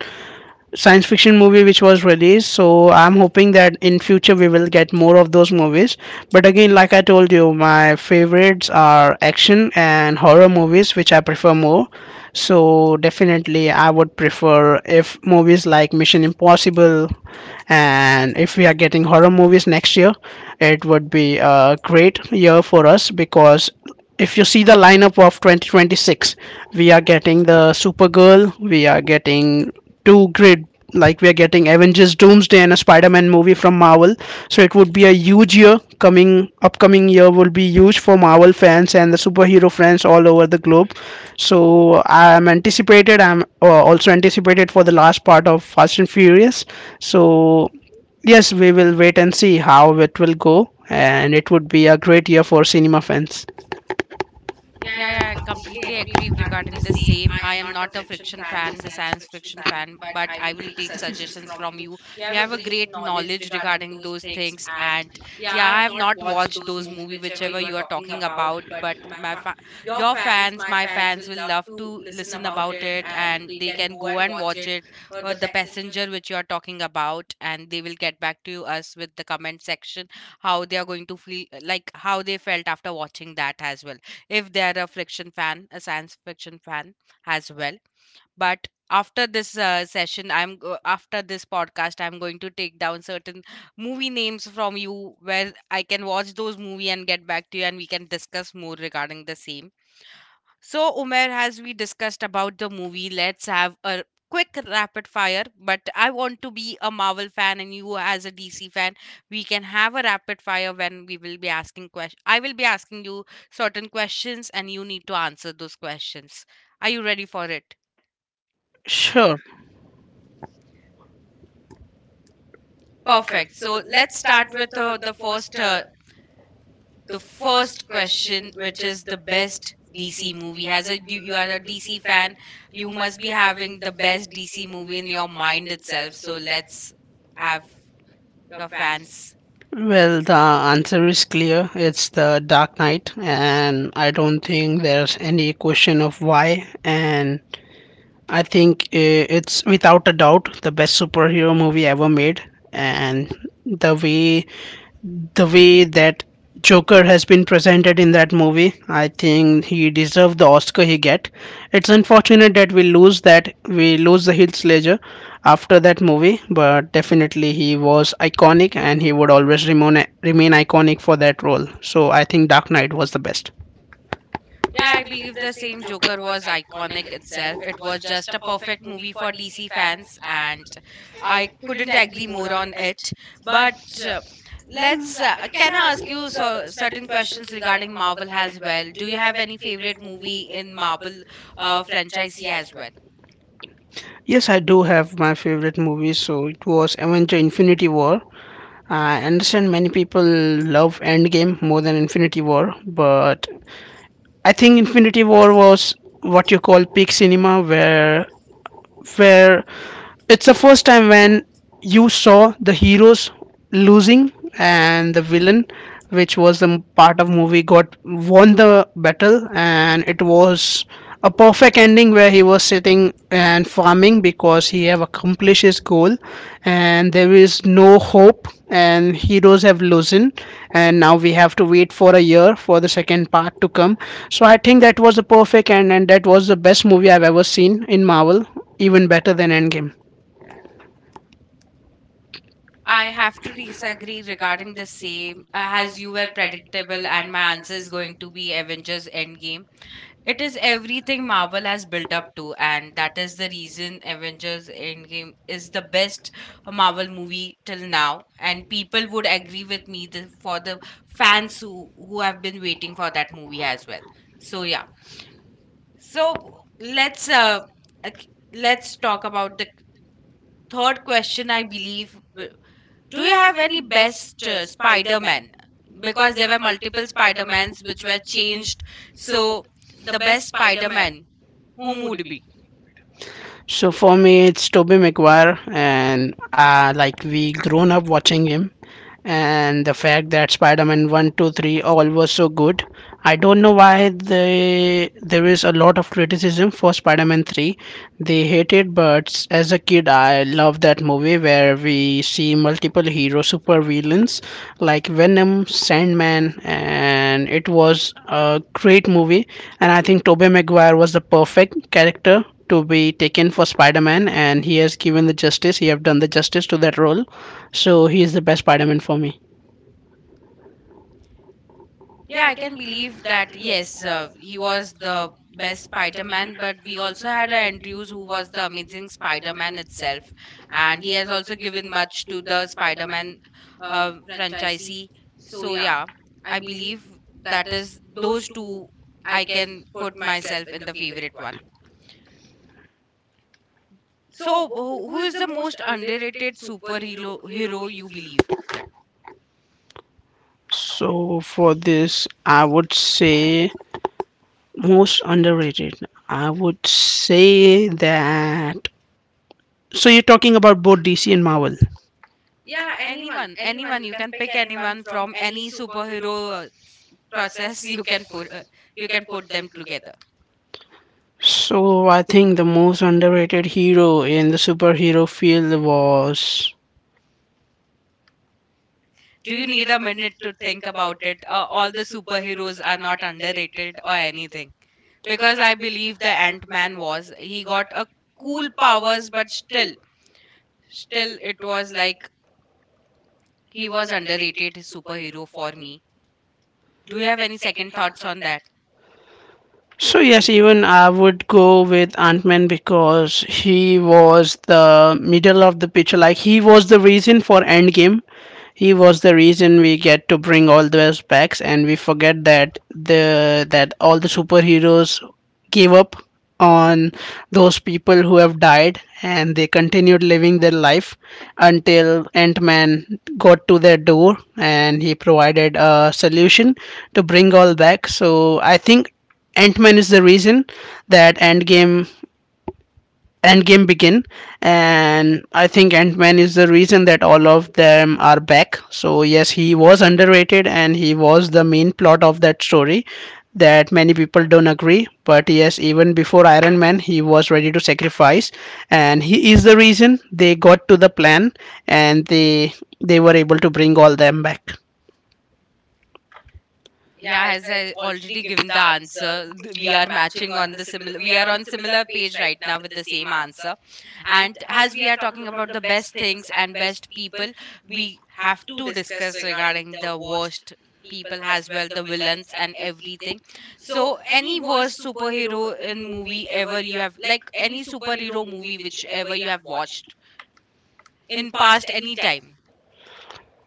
B: science fiction movie which was released. So I'm hoping that in future we will get more of those movies. But again, like I told you, my favorites are action and horror movies which I prefer more. So definitely I would prefer if movies like mission impossible, and if we are getting horror movies next year, it would be a great year for us because if you see the lineup of 2026, we are getting the supergirl, we are getting two great like we are getting avengers doomsday and a spider-man movie from marvel. So it would be a huge year, coming upcoming year will be huge for marvel fans and the superhero fans all over the globe. So I'm anticipated. I'm also anticipated for the last part of Fast and Furious. So yes, we will wait and see how it will go, and it would be a great year for cinema fans.
A: Yeah, yeah, I completely agree regarding the same. I am not a friction fan, the science fiction fan, but I will take suggestions from you. You have a great knowledge regarding those things, and yeah, I have not watched those movie whichever you are talking about, but your fans, my fans will love to listen about it, and they can go and watch it. The passenger which you are talking about, and they will get back to us with the comment section how they are going to feel, like how they felt after watching that as well if they are a fiction fan, a science fiction fan as well. But after this session, after this podcast, I'm going to take down certain movie names from you where I can watch those movie and get back to you, and we can discuss more regarding the same. So, Umer, as we discussed about the movie, let's have a quick rapid fire. But I want to be a Marvel fan, and you as a DC fan, we can have a rapid fire when we will be asking questions. I will be asking you certain questions, and you need to answer those questions. Are you ready for it?
B: Sure.
A: Perfect. So let's start with the first question, which is the best DC movie. As a you, you are a DC fan, you must be having the best DC movie in your mind itself. So let's have your fans.
B: Well, the answer is clear. It's the Dark Knight, and I don't think there's any question of why. And I think it's without a doubt the best superhero movie ever made. And the way the way that Joker has been presented in that movie, I think he deserved the Oscar he get. It's unfortunate that we lose the Heath Ledger after that movie, but definitely he was iconic and he would always remain iconic for that role. So I think Dark Knight was the best.
A: Yeah, I believe the same. Joker was iconic itself. It was just a perfect movie for DC fans, and I couldn't agree more on it. But uh, let's. Can I ask you so, certain questions regarding Marvel as well? Do you have any favorite movie in Marvel franchise as well?
B: Yes, I do have my favorite movie. So it was Avenger Infinity War. I understand many people love Endgame more than Infinity War, but I think Infinity War was what you call peak cinema where it's the first time when you saw the heroes losing and the villain, which was the part of movie, got won the battle, and it was a perfect ending where he was sitting and farming because he have accomplished his goal, and there is no hope, and heroes have losing, and now we have to wait for a year for the second part to come. So I think that was the perfect end, and that was the best movie I've ever seen in Marvel, even better than Endgame.
A: I have to disagree regarding the same, as you were predictable, and my answer is going to be Avengers Endgame. It is everything Marvel has built up to, and that is the reason Avengers Endgame is the best Marvel movie till now. And people would agree with me for the fans who have been waiting for that movie as well. So, yeah. So, let's let's talk about the third question, I believe. Do you have any best Spider-Man? Because there were multiple Spider-Mans which were changed. So, the best Spider-Man Homo would be.
B: So for me, it's Toby Maguire, and like we grown up watching him, and the fact that Spider-Man one, two, three all was so good. I don't know why they there is a lot of criticism for Spider-Man three. They hate it, but as a kid, I love that movie where we see multiple hero super villains like Venom, Sandman, and it was a great movie. And I think Tobey Maguire was the perfect character to be taken for Spider-Man, and he has given the justice. He have done the justice to that role, so he is the best Spider-Man for me.
A: Yeah, I can believe that. Yes, he was the best Spider-Man, but we also had a Andrews who was the amazing Spider-Man itself, and he has also given much to the Spider-Man franchisee. So yeah, I believe that is those two. I can put myself in the favorite one. So, who is the most underrated superhero hero you believe?
B: So for this, I would say most underrated. I would say that. So you're talking about both DC and Marvel.
A: Yeah, anyone, anyone. You can pick anyone from any superhero process. You can put them together.
B: So I think the most underrated hero in the superhero field was.
A: Do you need a minute to think about it? All the superheroes are not underrated or anything because I believe the Ant Man was. He got a cool powers, but still, it was like he was underrated superhero for me. Do you have any second thoughts on that?
B: So yes, even I would go with Ant-Man because he was the middle of the picture. Like he was the reason for Endgame. He was the reason we get to bring all those packs, and we forget that the that all the superheroes gave up on those people who have died and they continued living their life until ant-man got to their door, and he provided a solution to bring all back. So I think ant-man is the reason that Endgame begin, and I think Ant Man is the reason that all of them are back. So yes, he was underrated, and he was the main plot of that story that many people don't agree. But yes, even before Iron Man, he was ready to sacrifice, and he is the reason they got to the plan, and they were able to bring all them back.
A: Yeah, as I already given the answer, we are matching on the similar. We are on similar page right now with the same answer. And as we are talking about the best things and best people, we have to discuss regarding the worst people as well, the villains and everything. So, any worst superhero in movie ever you have, like any superhero movie which ever you have watched? In past any time.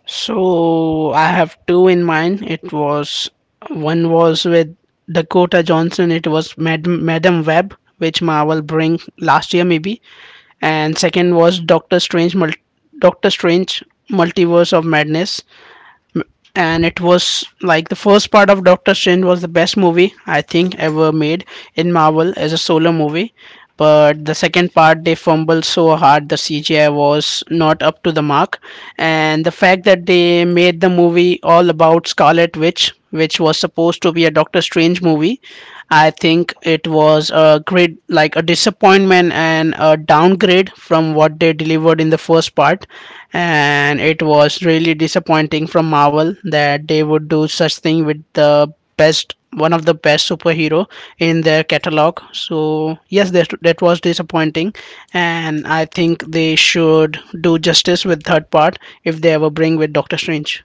B: So I have two in mind. It was one was with Dakota Johnson. It was Madam Web, which Marvel bring last year maybe, and second was Doctor Strange, Doctor Strange Multiverse of Madness, and it was like the first part of Doctor Strange was the best movie I think ever made in Marvel as a solo movie. But the second part, they fumbled so hard, the CGI was not up to the mark. And the fact that they made the movie all about Scarlet Witch, which was supposed to be a Doctor Strange movie, I think it was a great, like a disappointment and a downgrade from what they delivered in the first part, and it was really disappointing from Marvel that they would do such thing with the best, one of the best superhero in their catalog. So yes, that was disappointing, and I think they should do justice with third part if they ever bring with Doctor Strange.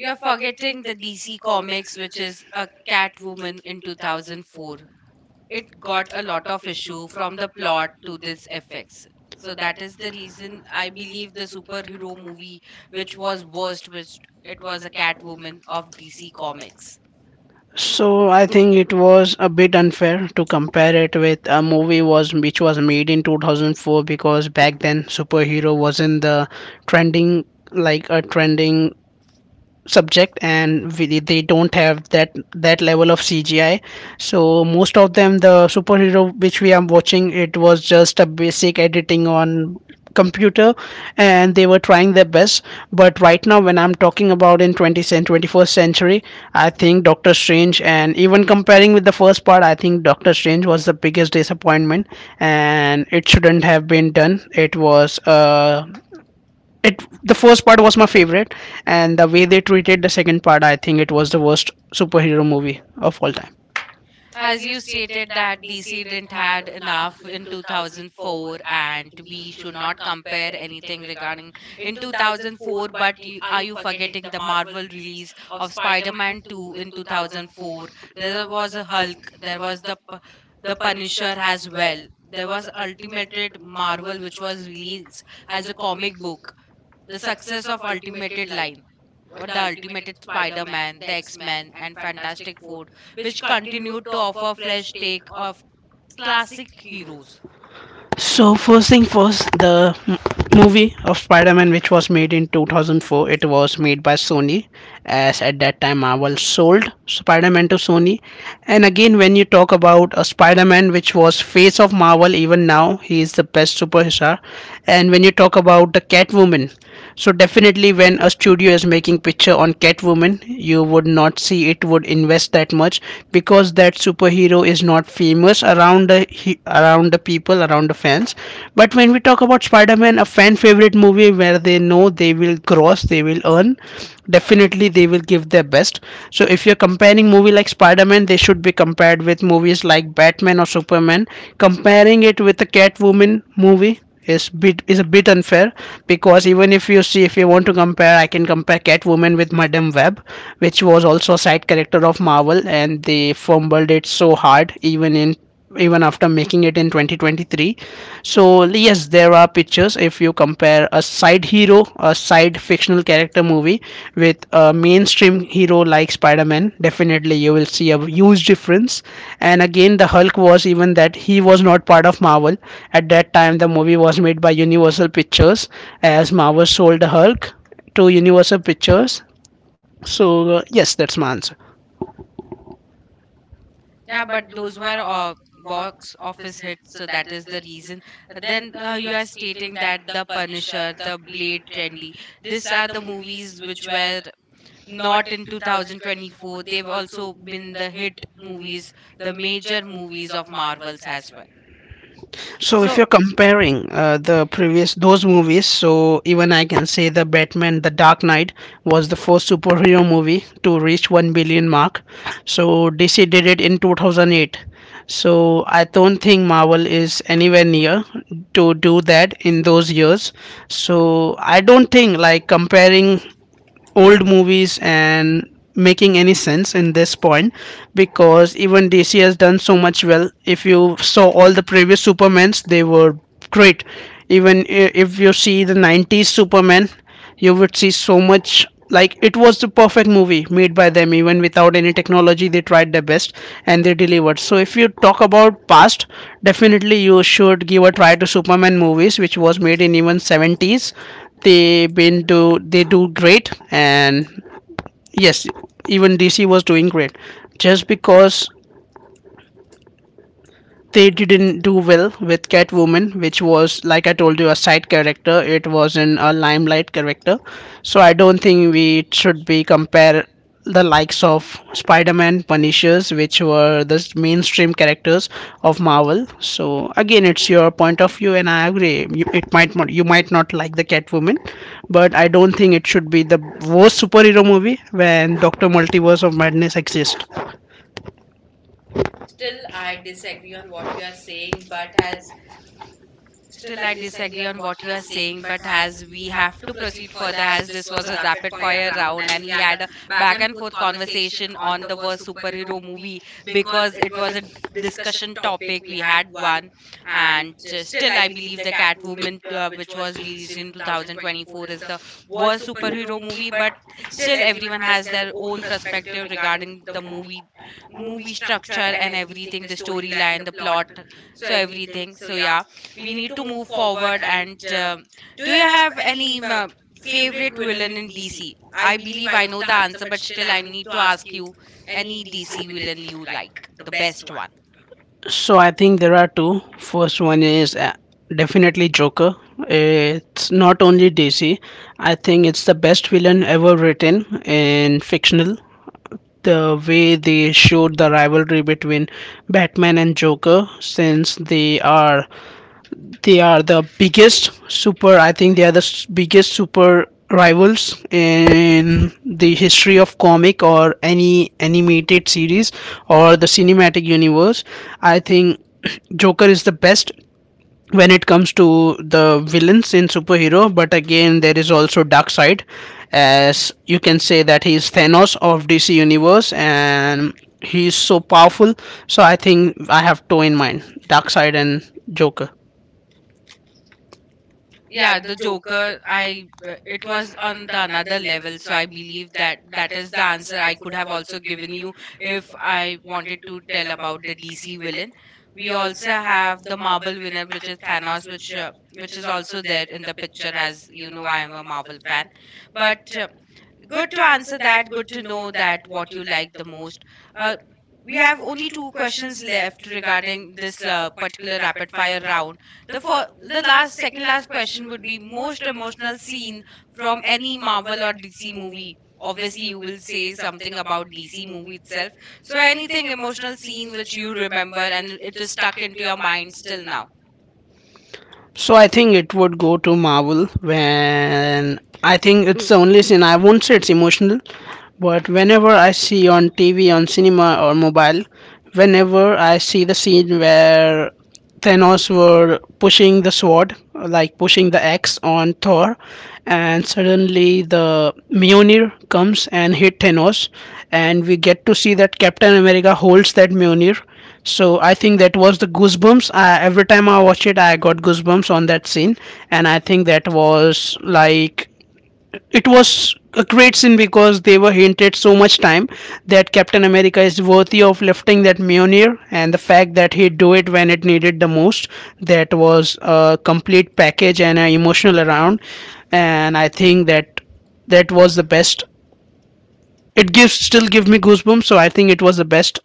A: You're forgetting the DC Comics, which is a Catwoman in 2004. It got a lot of issue from the plot to this effects. So that is the reason I believe the superhero movie which was worst, which it was a Catwoman of DC Comics.
B: So I think it was a bit unfair to compare it with a movie was which was made in 2004 because back then superhero wasn't the trending, like a trending subject, and we, they don't have that level of CGI. So most of them, the superhero which we are watching, it was just a basic editing on computer, and they were trying their best. But right now, when I'm talking about in 20th and 21st century, I think Doctor Strange, and even comparing with the first part, I think Doctor Strange was the biggest disappointment and it shouldn't have been done. It was it, the first part was my favorite, and the way they treated the second part, I think it was the worst superhero movie of all time.
A: As you stated that DC didn't had enough in 2004 and we should not compare anything regarding in 2004 but you, are you forgetting the Marvel release of Spider-Man 2 in 2004? There was a Hulk, there was the the Punisher as well, there was Ultimate Marvel which was released as a comic book, the success of Ultimated Line, what the Ultimated Spider-Man, the X-Men, and Fantastic Four, which continued to offer fresh take of classic heroes.
B: So first thing first, the m- movie of Spider-Man which was made in 2004, it was made by Sony, as at that time Marvel sold Spider-Man to Sony. And again, when you talk about a Spider-Man which was face of Marvel, even now he is the best superhero. And when you talk about the Catwoman. So definitely when a studio is making picture on Catwoman, you would not see it would invest that much because that superhero is not famous around around the people, around the fans. But when we talk about Spider-Man, a fan favorite movie where they know they will cross, they will earn, definitely they will give their best. So if you're comparing movie like Spider-Man, they should be compared with movies like Batman or Superman. Comparing it with a Catwoman movie is a bit unfair, because even if you see, if you want to compare, I can compare Catwoman with Madame Web, which was also a side character of Marvel and they fumbled it so hard, even in even after making it in 2023. So yes, there are pictures. If you compare a side hero Joe, a side fictional character movie with a mainstream hero like Spider Man, definitely you will see a huge difference. And again, the Hulk was even that he was not part of Marvel. At that time, the movie was made by Universal Pictures as Marvel sold the Hulk to Universal Pictures. So, yes, that's my answer.
A: Yeah, but those were box office hits, so that is the reason. Then you are stating that The Punisher, The Blade Trendy, these are the movies which were not in 2024. They've also been the hit movies, the major movies of Marvels as well.
B: So if
A: So,
B: you're comparing the previous those movies, so even I can say the Batman, the Dark Knight was the first superhero movie to reach 1 billion mark. So DC did it in 2008. So I don't think Marvel is anywhere near to do that in those years. So I don't think like comparing old movies and making any sense in this point, because even DC has done so much well. If you saw all the previous Supermans, they were great. Even if you see the 90s Superman, you would see so much. Like it was the perfect movie made by them even without any technology. They tried their best and they delivered. So if you talk about past, definitely you should give a try to Superman movies which was made in even 70s. They been do, they do great. And yes, even DC was doing great just because they didn't do well with Catwoman, which was, like I told you, a side character. It wasn't a limelight character. So I don't think we should be compare the likes of Spider-Man, Punishers, which were the mainstream characters of Marvel. So again, it's your point of view, and I agree. You, it might not, you might not like the Catwoman, but I don't think it should be the worst superhero movie when Doctor Multiverse of Madness exists.
A: Still, I disagree on what you are saying, but as we have to proceed further, as this was a rapid fire round and we had a back and forth conversation on the worst superhero movie because it was a discussion topic. We had one, and still, I believe the Catwoman, which was released in 2024, is the worst superhero movie, but still, everyone has their own perspective regarding the movie, movie structure, and everything, the storyline, the plot, so everything. So, yeah, we need to move forward, and do you have any favorite villain in DC? I believe I know the answer, but still I need to ask you, any DC villain you like, the best one?
B: So I think there are two. First one is definitely Joker. It's not only DC. I think it's the best villain ever written in fictional. The way they showed the rivalry between Batman and Joker, since they are the biggest super. I think they are the biggest super rivals in the history of comic or any animated series or the cinematic universe. I think Joker is the best when it comes to the villains in superhero. But again, there is also dark side, as you can say that he is Thanos of DC universe, and he is so powerful. So I think I have two in mind, dark side and Joker.
A: Yeah, the Joker, I it was on the another level, so I believe that that is the answer I could have also given you if I wanted to tell about the DC villain. We also have the Marvel villain, which is Thanos, which is also there in the picture. As you know, I am a Marvel fan, but good to answer that. Good to know that what you like the most. Uh, we have only two questions left regarding this particular rapid fire round. The for the last, second last question would be most emotional scene from any Marvel or DC movie. Obviously, you will say something about DC movie itself. So anything emotional scene which you remember and it is stuck into your mind still now.
B: So I think it would go to Marvel when I think it's the only scene. I won't say it's emotional, but whenever I see on TV, on cinema or mobile, whenever I see the scene where Thanos were pushing the sword, like pushing the axe on Thor, and suddenly the Mjolnir comes and hit Thanos, and we get to see that Captain America holds that Mjolnir. So I think that was the goosebumps. I, every time I watch it, I got goosebumps on that scene, and I think that was like it was a great scene because they were hinted so much time that Captain America is worthy of lifting that Mjolnir, and the fact that he do it when it needed the most, that was a complete package and an emotional around. And I think that that was the best. It gives still give me goosebumps, so I think it was the best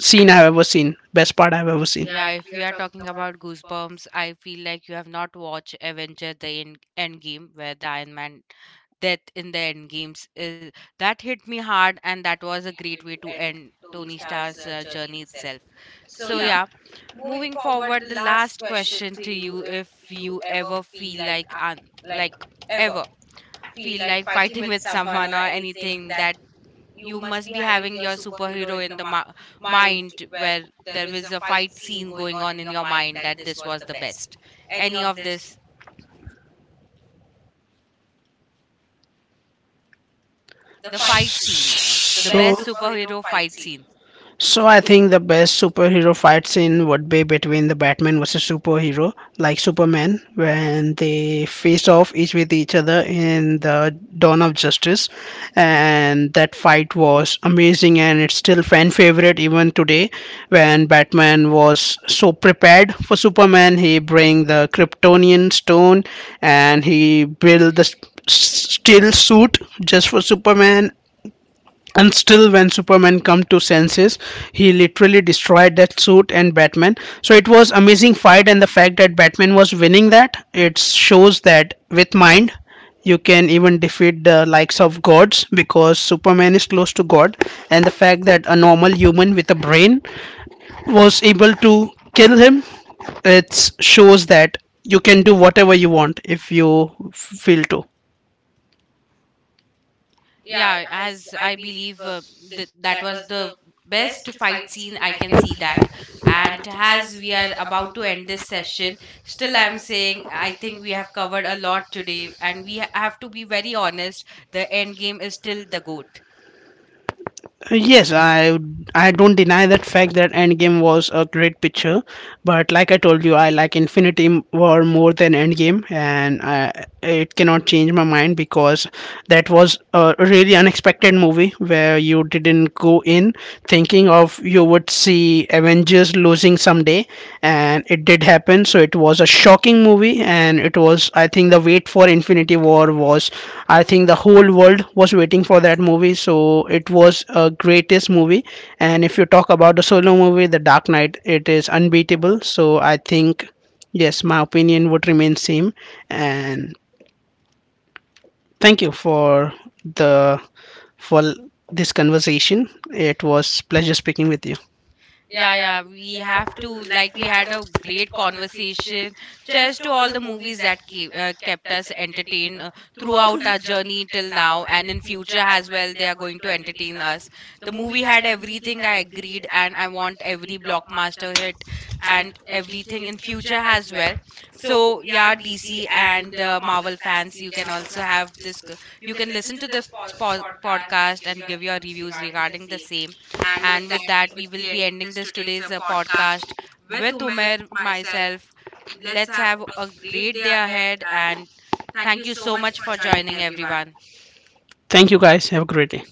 B: scene I've ever seen, best part I've ever seen
A: Yeah, if we are talking about Goosebumps, I feel like you have not watched Avenger the Endgame where the Iron Man death in the end games is, that hit me hard, and that was a great way to end Tony Stark's journey itself. So yeah, moving forward the last question to you, if you ever feel like like ever feel like fighting with someone or anything, that you must be having your superhero in the mind where there was a fight scene going on in your mind that this was the best, any of this, the fight scene, the
B: scene.
A: best
B: So.
A: superhero fight scene?
B: So I think the best superhero fight scene would be between the Batman versus superhero like Superman, when they face off each with each other in the Dawn of Justice, and that fight was amazing and it's still fan favorite even today. When Batman was so prepared for Superman, he bring the Kryptonian stone and he build the steel suit just for Superman, and still when Superman come to senses, he literally destroyed that suit and Batman. So it was amazing fight, and the fact that Batman was winning that, it shows that with mind you can even defeat the likes of gods, because Superman is close to god, and the fact that a normal human with a brain was able to kill him, it shows that you can do whatever you want if you feel to.
A: Yeah, as I believe, that was the best fight scene I can see that. And as we are about to end this session, still I'm saying I think we have covered a lot today, and we have to be very honest, the end game is still the GOAT.
B: Yes, I don't deny that fact that Endgame was a great picture, but like I told you, I like Infinity War more than Endgame, and I, it cannot change my mind, because that was a really unexpected movie where you didn't go in thinking of you would see Avengers losing someday, and it did happen. So it was a shocking movie, and it was, I think the wait for Infinity War was, I think the whole world was waiting for that movie. So it was a greatest movie. And if you talk about the solo movie, The Dark Knight, it is unbeatable. So I think yes, my opinion would remain same, and thank you for the for this conversation. It was pleasure speaking with you.
A: Yeah, yeah, we have to, like, we had a great conversation, just to all the movies that keep, kept us entertained throughout our journey till now, and in future as well they are going to entertain us. The movie had everything, I agreed, and I want every blockbuster hit and everything in future as well. So, yeah, DC and Marvel fans, you can also have you can listen to this podcast and give your reviews regarding the same. And with that, we will be ending this today's podcast with Umer, myself. Let's have a great day ahead. And thank you so much for joining, everyone.
B: Thank you guys. Have a great day.